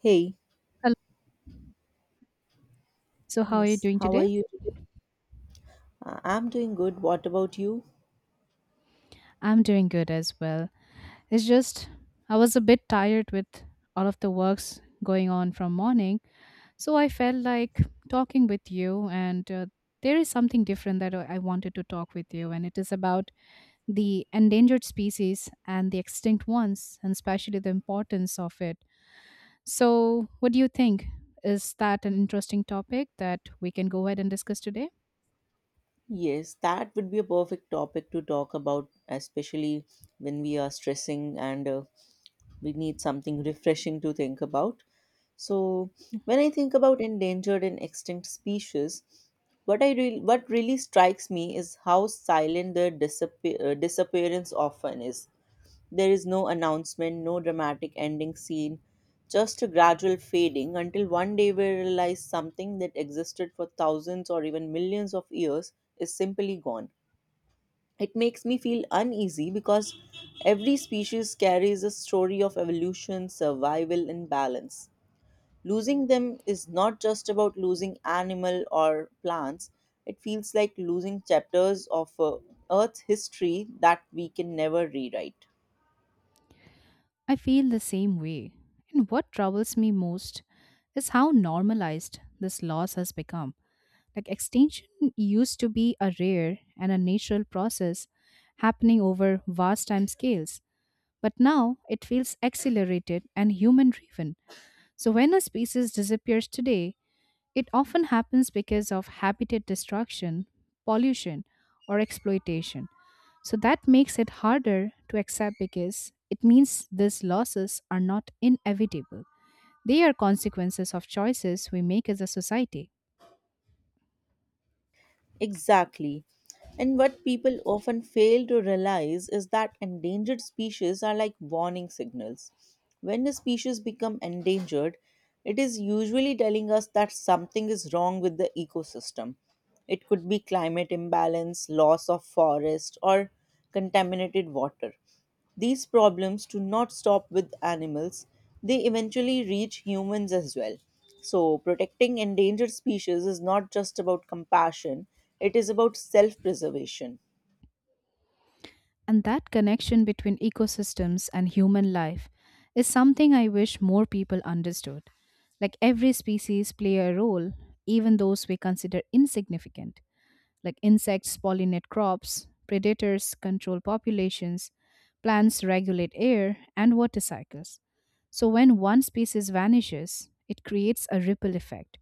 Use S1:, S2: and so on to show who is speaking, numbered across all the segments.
S1: Hey,
S2: Hello. So, how are you
S1: yes,
S2: doing
S1: how are
S2: today?
S1: you today? I'm doing good. What about you?
S2: I'm doing good as well. It's just I was a bit tired with all of the works going on from morning, so I felt like talking with you and there is something different that I wanted to talk with you and it is about the endangered species and the extinct ones and especially the importance of it. So, what do you think? Is that an interesting topic that we can go ahead and discuss today?
S1: Yes, that would be a perfect topic to talk about, especially when we are stressing and we need something refreshing to think about. So, when I think about endangered and extinct species, what really strikes me is how silent their disappearance often is. There is no announcement, no dramatic ending scene, just a gradual fading until one day we realize something that existed for thousands or even millions of years is simply gone. It makes me feel uneasy because every species carries a story of evolution, survival, and balance. Losing them is not just about losing animal or plants. It feels like losing chapters of Earth's history that we can never rewrite.
S2: I feel the same way. And what troubles me most is how normalized this loss has become. Like extinction used to be a rare and a natural process happening over vast time scales, but now it feels accelerated and human driven. So when a species disappears today, it often happens because of habitat destruction, pollution, or exploitation. So that makes it harder to accept because it means these losses are not inevitable. They are consequences of choices we make as a society.
S1: Exactly. And what people often fail to realize is that endangered species are like warning signals. When a species become endangered, it is usually telling us that something is wrong with the ecosystem. It could be climate imbalance, loss of forest, or contaminated water. These problems do not stop with animals, they eventually reach humans as well. So, protecting endangered species is not just about compassion, it is about self preservation.
S2: And that connection between ecosystems and human life is something I wish more people understood. Like every species play a role, even those we consider insignificant. Like insects pollinate crops, predators control populations, plants regulate air and water cycles. So, when one species vanishes, it creates a ripple effect.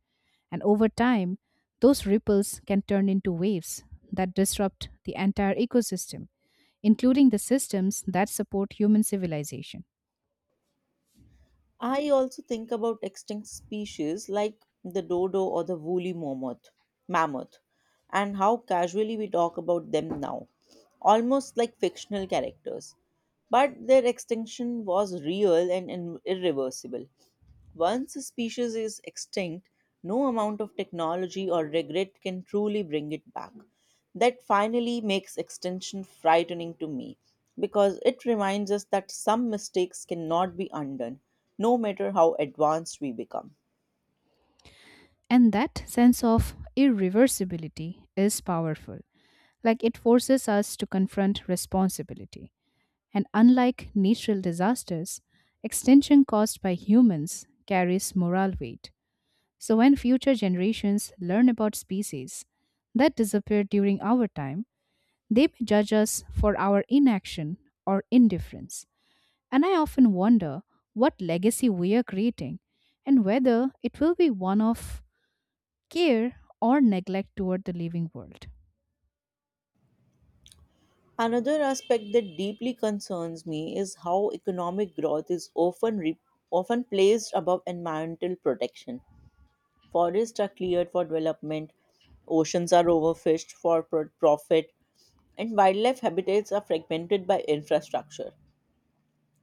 S2: And over time, those ripples can turn into waves that disrupt the entire ecosystem, including the systems that support human civilization.
S1: I also think about extinct species like the dodo or the woolly mammoth, and how casually we talk about them now, almost like fictional characters. But their extinction was real and irreversible. Once a species is extinct, no amount of technology or regret can truly bring it back. That finally makes extinction frightening to me because it reminds us that some mistakes cannot be undone, no matter how advanced we become.
S2: And that sense of irreversibility is powerful. Like it forces us to confront responsibility. And unlike natural disasters, extinction caused by humans carries moral weight. So when future generations learn about species that disappeared during our time, they may judge us for our inaction or indifference. And I often wonder what legacy we are creating and whether it will be one of care or neglect toward the living world.
S1: Another aspect that deeply concerns me is how economic growth is often placed above environmental protection. Forests are cleared for development, oceans are overfished for profit, and wildlife habitats are fragmented by infrastructure.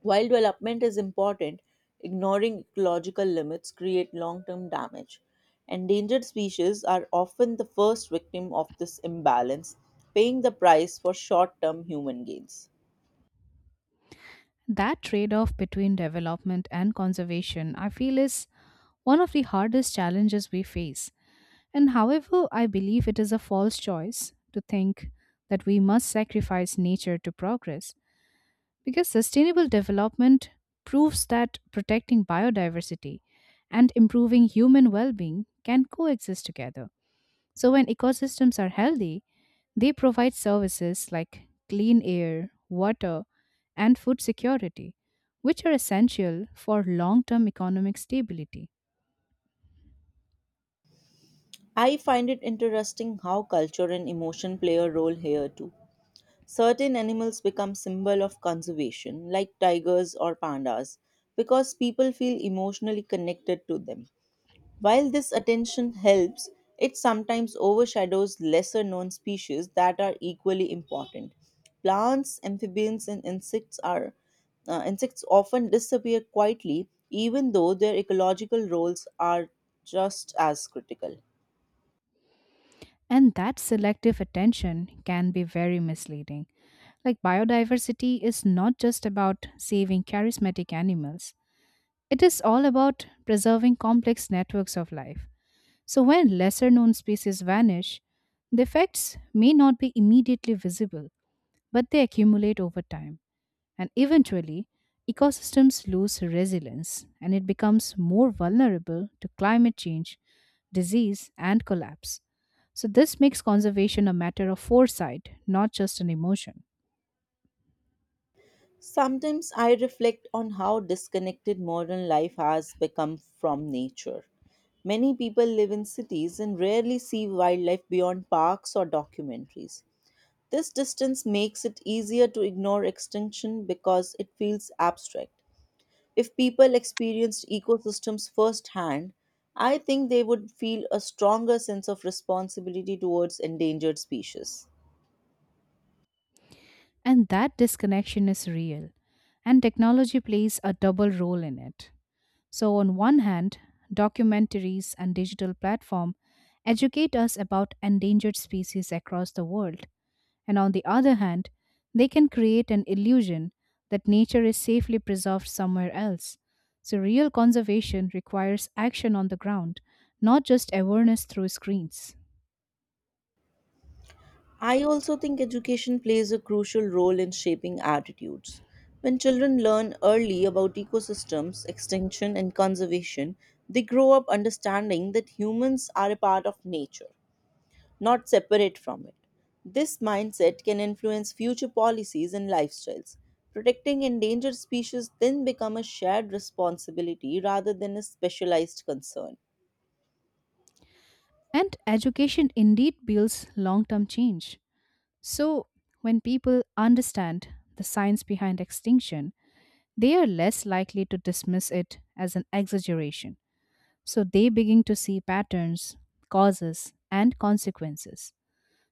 S1: While development is important, ignoring ecological limits create long-term damage. Endangered species are often the first victim of this imbalance, paying the price for short-term human gains.
S2: That trade off between development and conservation, I feel, is one of the hardest challenges we face. And however, I believe it is a false choice to think that we must sacrifice nature to progress, because sustainable development proves that protecting biodiversity and improving human well being can coexist together. So, when ecosystems are healthy, they provide services like clean air, water, and food security, which are essential for long term economic stability.
S1: I find it interesting how culture and emotion play a role here too. Certain animals become symbol of conservation, like tigers or pandas, because people feel emotionally connected to them. While this attention helps, it sometimes overshadows lesser known species that are equally important. Plants, amphibians, and insects are insects often disappear quietly, even though their ecological roles are just as critical.
S2: And that selective attention can be very misleading. Like, biodiversity is not just about saving charismatic animals, it is all about preserving complex networks of life. So, when lesser known species vanish, the effects may not be immediately visible but they accumulate over time. And eventually, ecosystems lose resilience and it becomes more vulnerable to climate change, disease, and collapse. So, this makes conservation a matter of foresight, not just an emotion.
S1: Sometimes I reflect on how disconnected modern life has become from nature. Many people live in cities and rarely see wildlife beyond parks or documentaries. This distance makes it easier to ignore extinction because it feels abstract. If people experienced ecosystems firsthand, I think they would feel a stronger sense of responsibility towards endangered species.
S2: And that disconnection is real, and technology plays a double role in it. So, on one hand, documentaries and digital platform educate us about endangered species across the world. And on the other hand, they can create an illusion that nature is safely preserved somewhere else. So, real conservation requires action on the ground, not just awareness through screens.
S1: I also think education plays a crucial role in shaping attitudes. When children learn early about ecosystems, extinction, and conservation, they grow up understanding that humans are a part of nature, not separate from it. This mindset can influence future policies and lifestyles. Protecting endangered species then become a shared responsibility rather than a specialized concern.
S2: And education indeed builds long term change. So, when people understand the science behind extinction, they are less likely to dismiss it as an exaggeration. So, they begin to see patterns, causes, and consequences.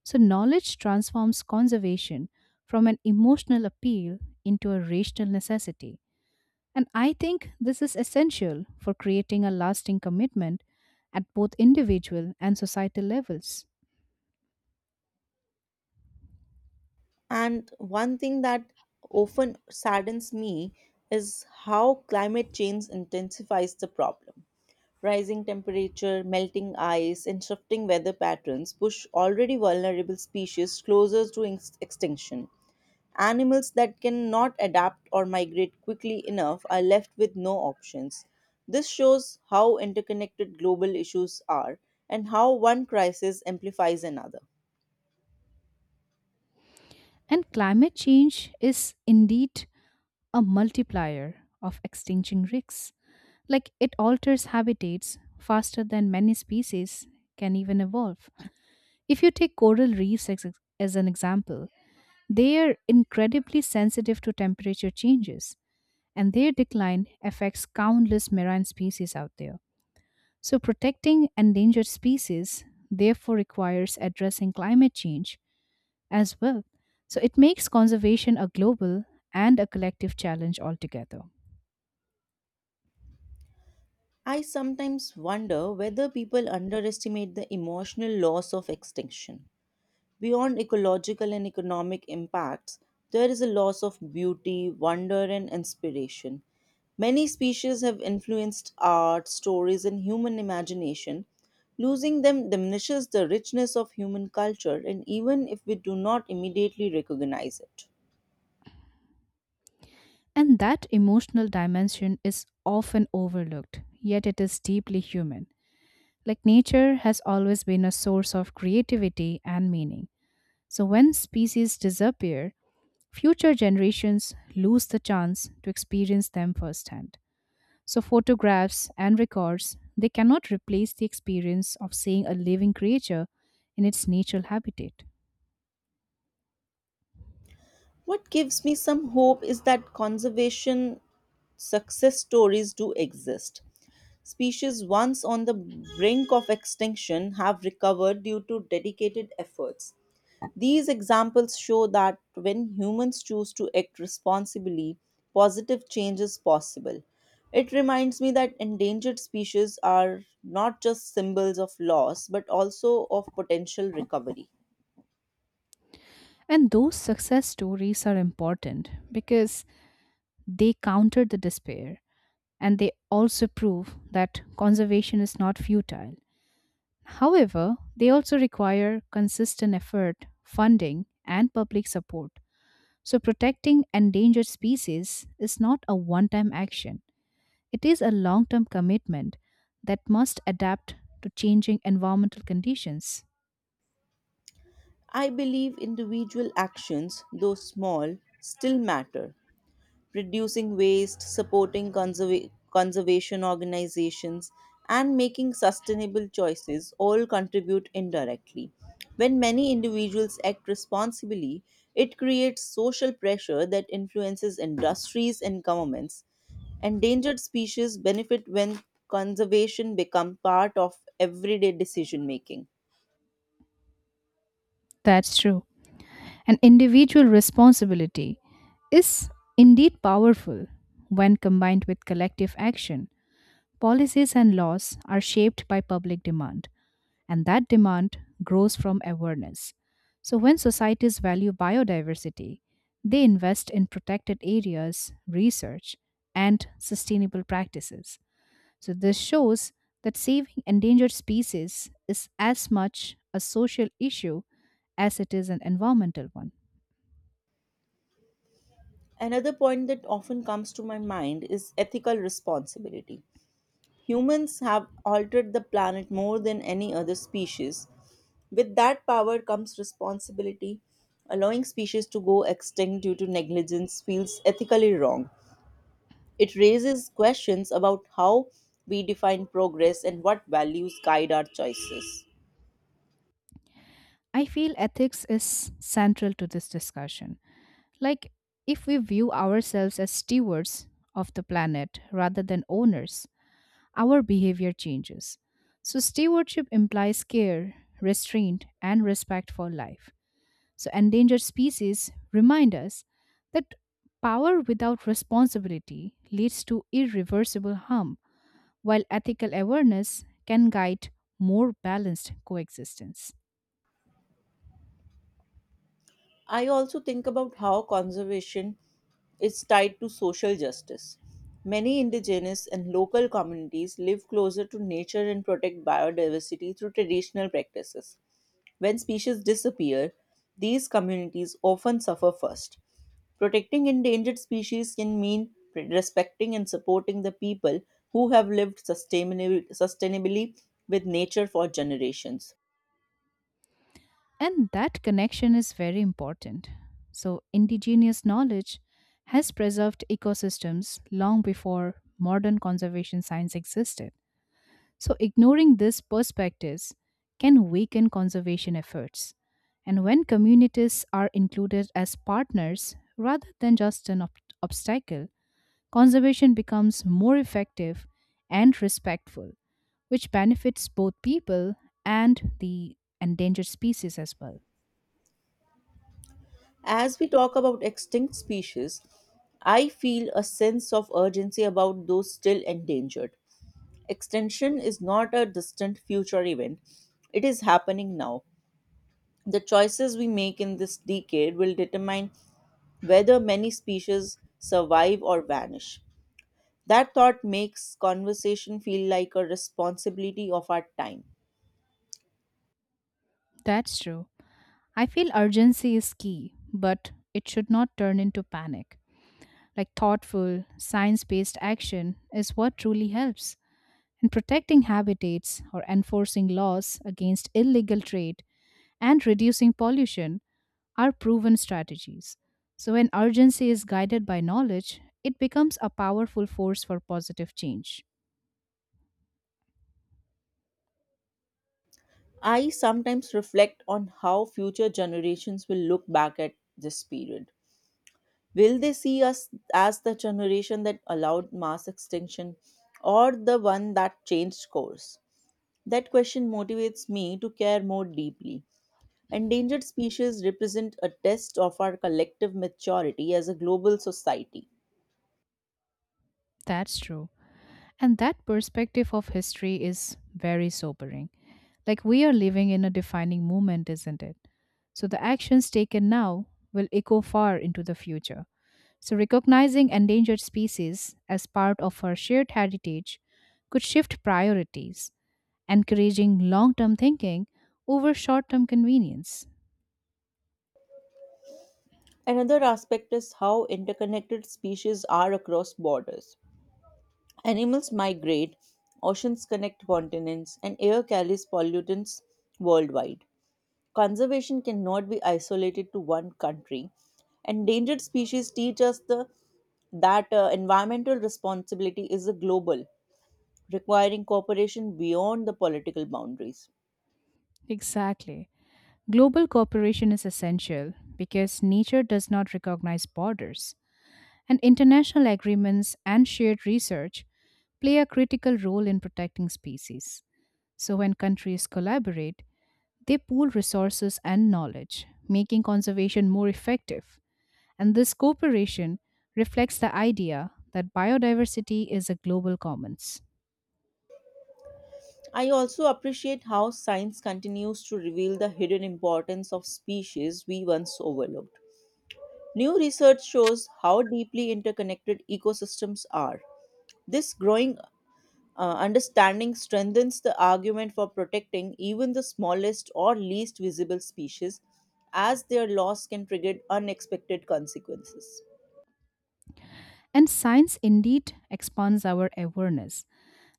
S2: So, knowledge transforms conservation from an emotional appeal into a rational necessity. And I think this is essential for creating a lasting commitment at both individual and societal levels.
S1: And one thing that often saddens me is how climate change intensifies the problem. Rising temperature, melting ice, and shifting weather patterns push already vulnerable species closer to extinction. Animals that cannot adapt or migrate quickly enough are left with no options. This shows how interconnected global issues are and how one crisis amplifies another.
S2: And climate change is indeed a multiplier of extinction risks. Like it alters habitats faster than many species can even evolve. If you take coral reefs as an example, they are incredibly sensitive to temperature changes, and their decline affects countless marine species out there. So, protecting endangered species therefore requires addressing climate change as well. So, it makes conservation a global and a collective challenge altogether.
S1: I sometimes wonder whether people underestimate the emotional loss of extinction. Beyond ecological and economic impacts, there is a loss of beauty, wonder, and inspiration. Many species have influenced art, stories, and human imagination. Losing them diminishes the richness of human culture, and even if we do not immediately recognize it.
S2: And that emotional dimension is often overlooked, yet it is deeply human. Like nature has always been a source of creativity and meaning. So, when species disappear, future generations lose the chance to experience them firsthand. So, photographs and records, they cannot replace the experience of seeing a living creature in its natural habitat.
S1: What gives me some hope is that conservation success stories do exist. Species once on the brink of extinction have recovered due to dedicated efforts. These examples show that when humans choose to act responsibly, positive change is possible. It reminds me that endangered species are not just symbols of loss but also of potential recovery.
S2: And those success stories are important because they counter the despair and they also prove that conservation is not futile. However, they also require consistent effort, funding, and public support. So, protecting endangered species is not a one time action, it is a long term commitment that must adapt to changing environmental conditions.
S1: I believe individual actions, though small, still matter: reducing waste, supporting conservation organizations, and making sustainable choices all contribute indirectly. When many individuals act responsibly, it creates social pressure that influences industries and governments. Endangered species benefit when conservation becomes part of everyday decision making.
S2: That's true. An individual responsibility is indeed powerful when combined with collective action. Policies and laws are shaped by public demand, and that demand grows from awareness. So, when societies value biodiversity, they invest in protected areas, research, and sustainable practices. So, this shows that saving endangered species is as much a social issue as it is an environmental one.
S1: Another point that often comes to my mind is ethical responsibility. Humans have altered the planet more than any other species. With that power comes responsibility. Allowing species to go extinct due to negligence feels ethically wrong. It raises questions about how we define progress and what values guide our choices.
S2: I feel ethics is central to this discussion. Like, if we view ourselves as stewards of the planet rather than owners, our behavior changes. So, stewardship implies care, restraint, and respect for life. So, endangered species remind us that power without responsibility leads to irreversible harm, while ethical awareness can guide more balanced coexistence.
S1: I also think about how conservation is tied to social justice. Many indigenous and local communities live closer to nature and protect biodiversity through traditional practices. When species disappear, these communities often suffer first. Protecting endangered species can mean respecting and supporting the people who have lived sustainably with nature for generations.
S2: And that connection is very important. So, indigenous knowledge has preserved ecosystems long before modern conservation science existed. So, ignoring these perspectives can weaken conservation efforts. And when communities are included as partners rather than just an obstacle, conservation becomes more effective and respectful, which benefits both people and the endangered species as well.
S1: As we talk about extinct species, I feel a sense of urgency about those still endangered. Extinction is not a distant future event, it is happening now. The choices we make in this decade will determine whether many species survive or vanish. That thought makes conversation feel like a responsibility of our time.
S2: That's true. I feel urgency is key, but it should not turn into panic. Like thoughtful, science based action is what truly helps and protecting habitats or enforcing laws against illegal trade and reducing pollution are proven strategies. So, when urgency is guided by knowledge, it becomes a powerful force for positive change.
S1: I sometimes reflect on how future generations will look back at this period. Will they see us as the generation that allowed mass extinction or the one that changed course? That question motivates me to care more deeply. Endangered species represent a test of our collective maturity as a global society.
S2: That's true. And that perspective of history is very sobering. Like, we are living in a defining moment, isn't it? So, the actions taken now will echo far into the future. So, recognizing endangered species as part of our shared heritage could shift priorities, encouraging long term thinking over short term convenience.
S1: Another aspect is how interconnected species are across borders. Animals migrate, oceans connect continents, and air carries pollutants worldwide. Conservation cannot be isolated to one country. Endangered species teach us the that environmental responsibility is a global, requiring cooperation beyond the political boundaries.
S2: Exactly. Global cooperation is essential because nature does not recognize borders, and international agreements and shared research play a critical role in protecting species. So, when countries collaborate, they pool resources and knowledge, making conservation more effective. And this cooperation reflects the idea that biodiversity is a global commons.
S1: I also appreciate how science continues to reveal the hidden importance of species we once overlooked. New research shows how deeply interconnected ecosystems are. This growing understanding strengthens the argument for protecting even the smallest or least visible species, as their loss can trigger unexpected consequences.
S2: And science indeed expands our awareness.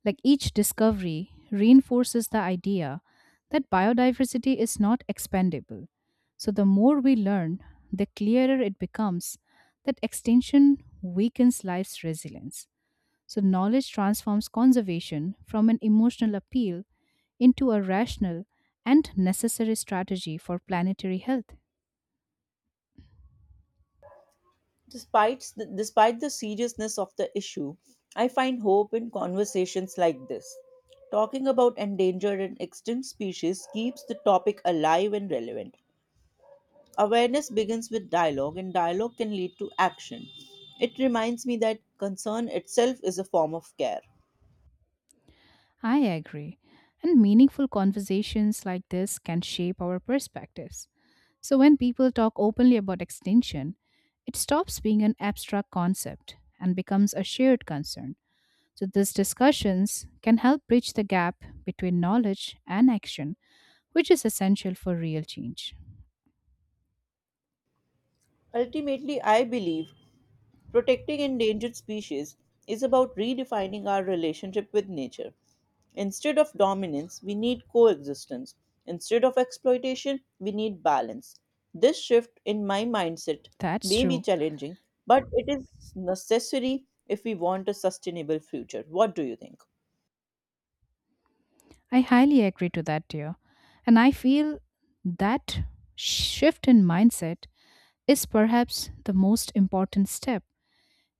S2: Like each discovery reinforces the idea that biodiversity is not expandable. So the more we learn, the clearer it becomes that extinction weakens life's resilience. So, knowledge transforms conservation from an emotional appeal into a rational and necessary strategy for planetary health.
S1: Despite the seriousness of the issue, I find hope in conversations like this. Talking about endangered and extinct species keeps the topic alive and relevant. Awareness begins with dialogue, and dialogue can lead to action. It reminds me that concern itself is a form of care.
S2: I agree. And meaningful conversations like this can shape our perspectives. So, when people talk openly about extinction, it stops being an abstract concept and becomes a shared concern. So, these discussions can help bridge the gap between knowledge and action, which is essential for real change.
S1: Ultimately, I believe protecting endangered species is about redefining our relationship with nature. Instead of dominance, we need coexistence. Instead of exploitation, we need balance. This shift in my mindset
S2: That's
S1: may be
S2: true.
S1: challenging, but it is necessary if we want a sustainable future. What do you think?
S2: I highly agree to that, dear. And I feel that shift in mindset is perhaps the most important step.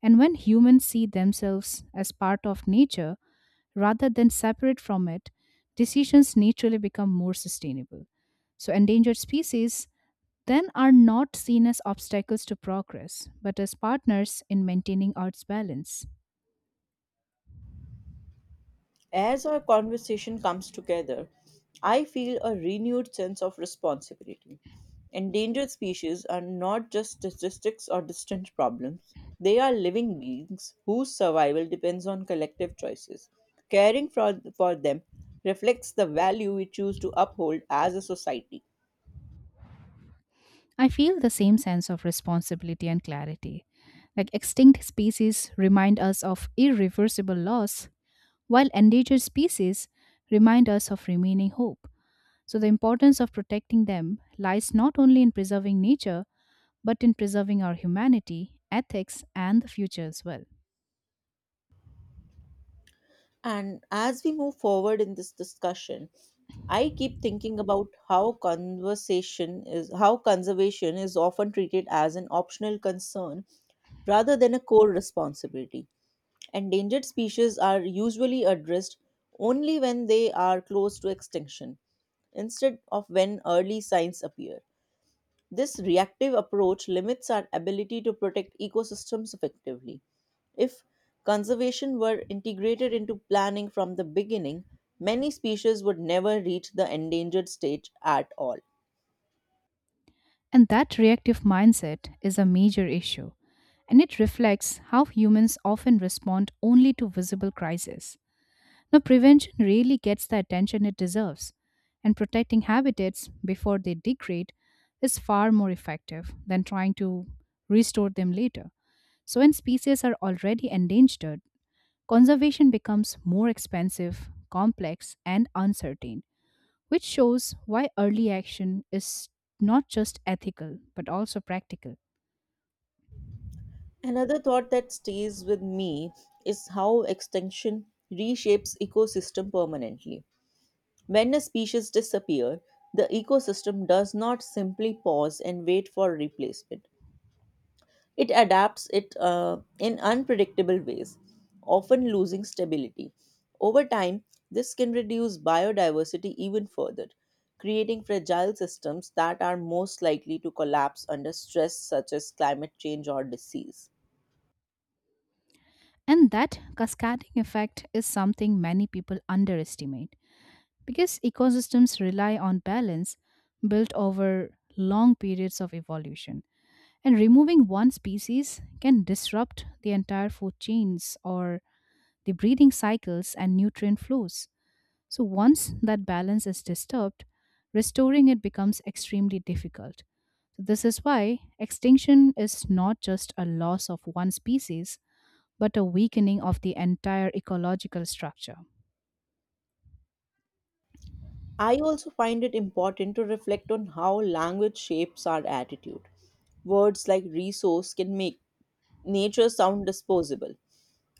S2: And when humans see themselves as part of nature rather than separate from it, decisions naturally become more sustainable. So, endangered species then are not seen as obstacles to progress, but as partners in maintaining Earth's balance.
S1: As our conversation comes together, I feel a renewed sense of responsibility. Endangered species are not just statistics or distant problems, they are living beings whose survival depends on collective choices. Caring for them reflects the value we choose to uphold as a society.
S2: I feel the same sense of responsibility and clarity. Like extinct species remind us of irreversible loss, while endangered species remind us of remaining hope. So, the importance of protecting them lies not only in preserving nature, but in preserving our humanity, ethics, and the future as well.
S1: And as we move forward in this discussion, I keep thinking about how conservation is often treated as an optional concern rather than a core responsibility. Endangered species are usually addressed only when they are close to extinction instead of when early signs appear. This reactive approach limits our ability to protect ecosystems effectively. If conservation were integrated into planning from the beginning, many species would never reach the endangered stage at all.
S2: And that reactive mindset is a major issue, and it reflects how humans often respond only to visible crises. Now, prevention really gets the attention it deserves, and protecting habitats before they degrade is far more effective than trying to restore them later. So, when species are already endangered, conservation becomes more expensive, complex, and uncertain, which shows why early action is not just ethical but also practical.
S1: Another thought that stays with me is how extinction reshapes ecosystem permanently. When a species disappears, the ecosystem does not simply pause and wait for replacement. It adapts it in unpredictable ways, often losing stability. Over time, this can reduce biodiversity even further, creating fragile systems that are most likely to collapse under stress, such as climate change or disease.
S2: And that cascading effect is something many people underestimate, because ecosystems rely on balance built over long periods of evolution. And removing one species can disrupt the entire food chains or the breeding cycles and nutrient flows. So, once that balance is disturbed, restoring it becomes extremely difficult. So this is why extinction is not just a loss of one species, but a weakening of the entire ecological structure.
S1: I also find it important to reflect on how language shapes our attitude. Words like resource can make nature sound disposable.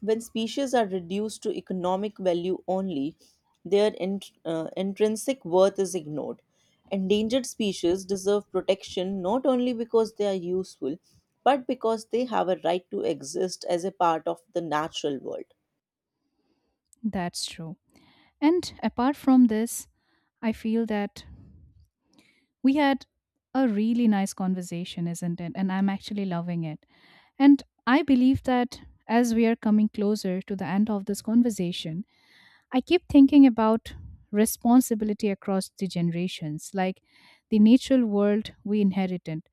S1: When species are reduced to economic value only, their intrinsic worth is ignored. Endangered species deserve protection not only because they are useful, but because they have a right to exist as a part of the natural world.
S2: That's true. And apart from this, I feel that we had a really nice conversation, isn't it? And I'm actually loving it. And I believe that as we are coming closer to the end of this conversation, I keep thinking about responsibility across the generations, like the natural world we inherited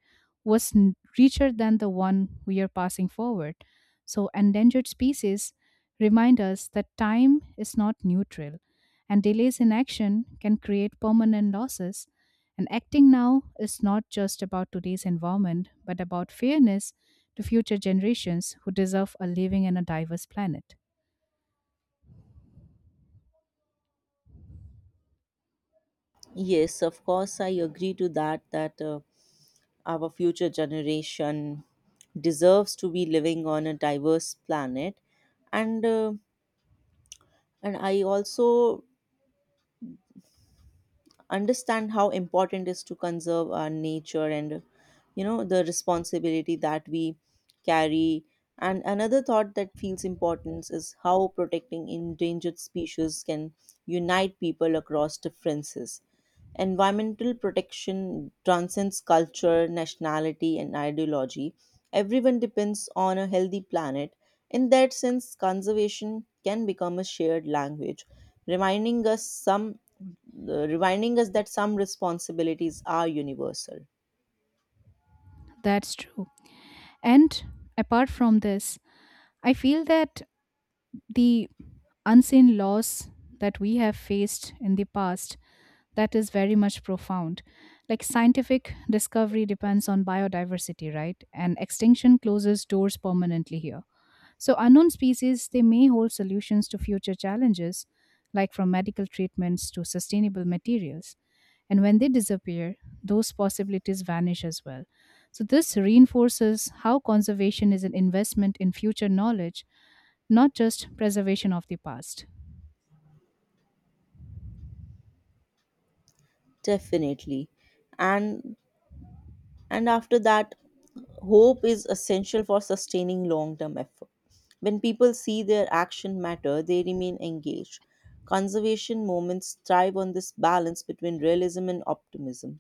S2: was richer than the one we are passing forward. So, endangered species remind us that time is not neutral, and delays in action can create permanent losses. And acting now is not just about today's environment, but about fairness to future generations who deserve a living and a diverse planet.
S1: Yes, of course, I agree to that. Our future generation deserves to be living on a diverse planet, and I also understand how important it is to conserve our nature and you know the responsibility that we carry. And another thought that feels important is how protecting endangered species can unite people across differences. Environmental protection transcends culture, nationality, and ideology. Everyone depends on a healthy planet. In that sense, conservation can become a shared language, reminding us some reminding us that some responsibilities are universal.
S2: That's true. And apart from this, I feel that the unseen loss that we have faced in the past that is very much profound. Like scientific discovery depends on biodiversity, right? And extinction closes doors permanently here. So, unknown species, they may hold solutions to future challenges, like from medical treatments to sustainable materials. And when they disappear, those possibilities vanish as well. So, this reinforces how conservation is an investment in future knowledge, not just preservation of the past.
S1: Definitely. And and after that, hope is essential for sustaining long term effort. When people see their action matter, they remain engaged. Conservation moments thrive on this balance between realism and optimism.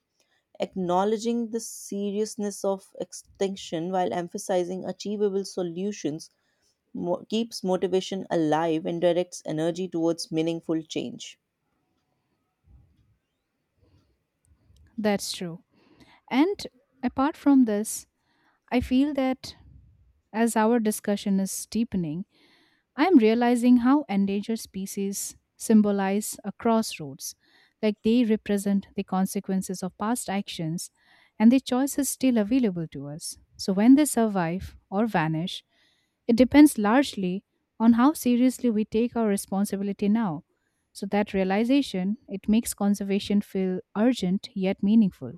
S1: Acknowledging the seriousness of extinction while emphasizing achievable solutions keeps motivation alive and directs energy towards meaningful change.
S2: That's true. And apart from this, I feel that as our discussion is deepening, I am realizing how endangered species symbolize a crossroads, like they represent the consequences of past actions and the choice is still available to us. So when they survive or vanish, it depends largely on how seriously we take our responsibility now. So that realization, it makes conservation feel urgent yet meaningful.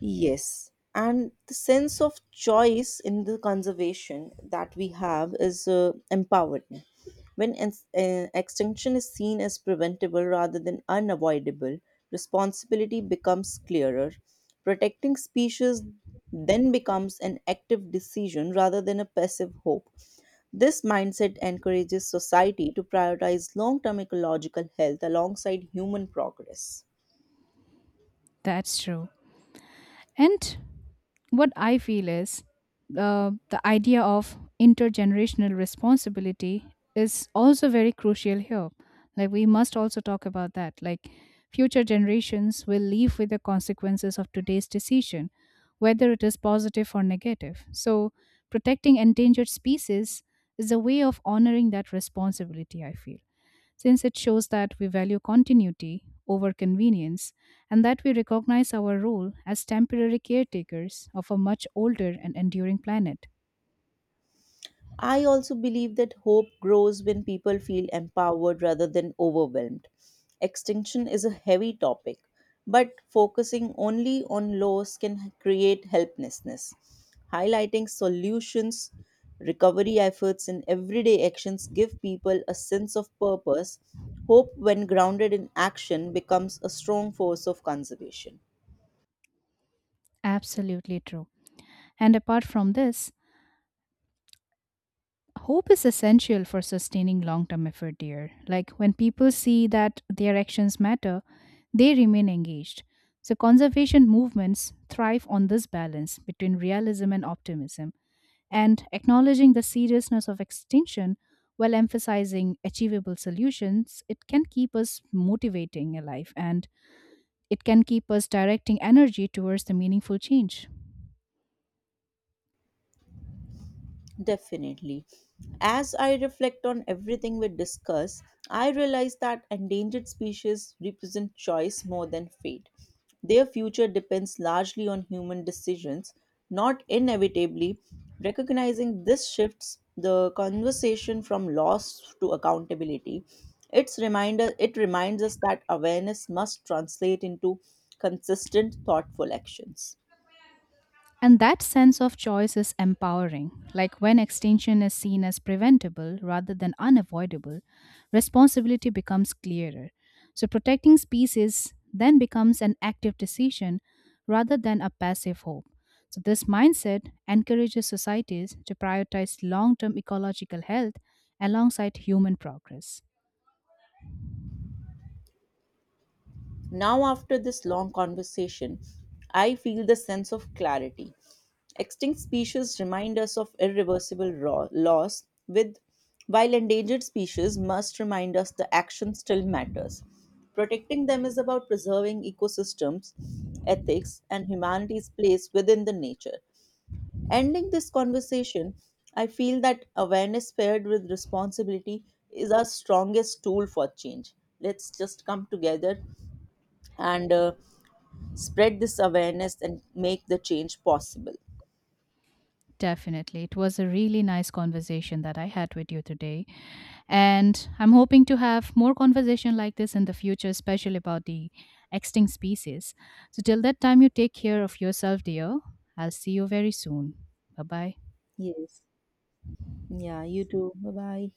S1: Yes. And the sense of choice in the conservation that we have is empowerment. When extinction is seen as preventable rather than unavoidable, responsibility becomes clearer. Protecting species then becomes an active decision rather than a passive hope. This mindset encourages society to prioritize long term ecological health alongside human progress.
S2: That's true. And what I feel is the idea of intergenerational responsibility is also very crucial here. Like, we must also talk about that. Like, future generations will live with the consequences of today's decision, whether it is positive or negative. So, protecting endangered species is a way of honoring that responsibility, I feel, since it shows that we value continuity over convenience and that we recognize our role as temporary caretakers of a much older and enduring planet.
S1: I also believe that hope grows when people feel empowered rather than overwhelmed. Extinction is a heavy topic, but focusing only on loss can create helplessness. Highlighting solutions, recovery efforts, and everyday actions give people a sense of purpose. Hope, when grounded in action, becomes a strong force of conservation.
S2: Absolutely true. And apart from this, hope is essential for sustaining long term effort here. Like when people see that their actions matter, they remain engaged. So, conservation movements thrive on this balance between realism and optimism and acknowledging the seriousness of extinction while emphasizing achievable solutions, it can keep us motivating alive and it can keep us directing energy towards the meaningful change.
S1: Definitely. As I reflect on everything we discuss, I realize that endangered species represent choice more than fate. Their future depends largely on human decisions, not inevitably. Recognizing this shifts the conversation from loss to accountability. It reminds us that awareness must translate into consistent thoughtful actions.
S2: And that sense of choice is empowering. Like when extinction is seen as preventable rather than unavoidable, responsibility becomes clearer. So protecting species then becomes an active decision rather than a passive hope. So this mindset encourages societies to prioritize long term ecological health alongside human progress.
S1: Now, after this long conversation, I feel the sense of clarity. Extinct species remind us of irreversible loss, with while endangered species must remind us the action still matters. Protecting them is about preserving ecosystems, ethics, and humanity's place within the nature. Ending this conversation, I feel that awareness paired with responsibility is our strongest tool for change. Let's just come together and spread this awareness and make the change possible.
S2: Definitely. It was a really nice conversation that I had with you today. And I'm hoping to have more conversation like this in the future, especially about the extinct species. So till that time, you take care of yourself, dear. I'll see you very soon. Bye bye.
S1: Yes. Yeah, you too. Bye bye.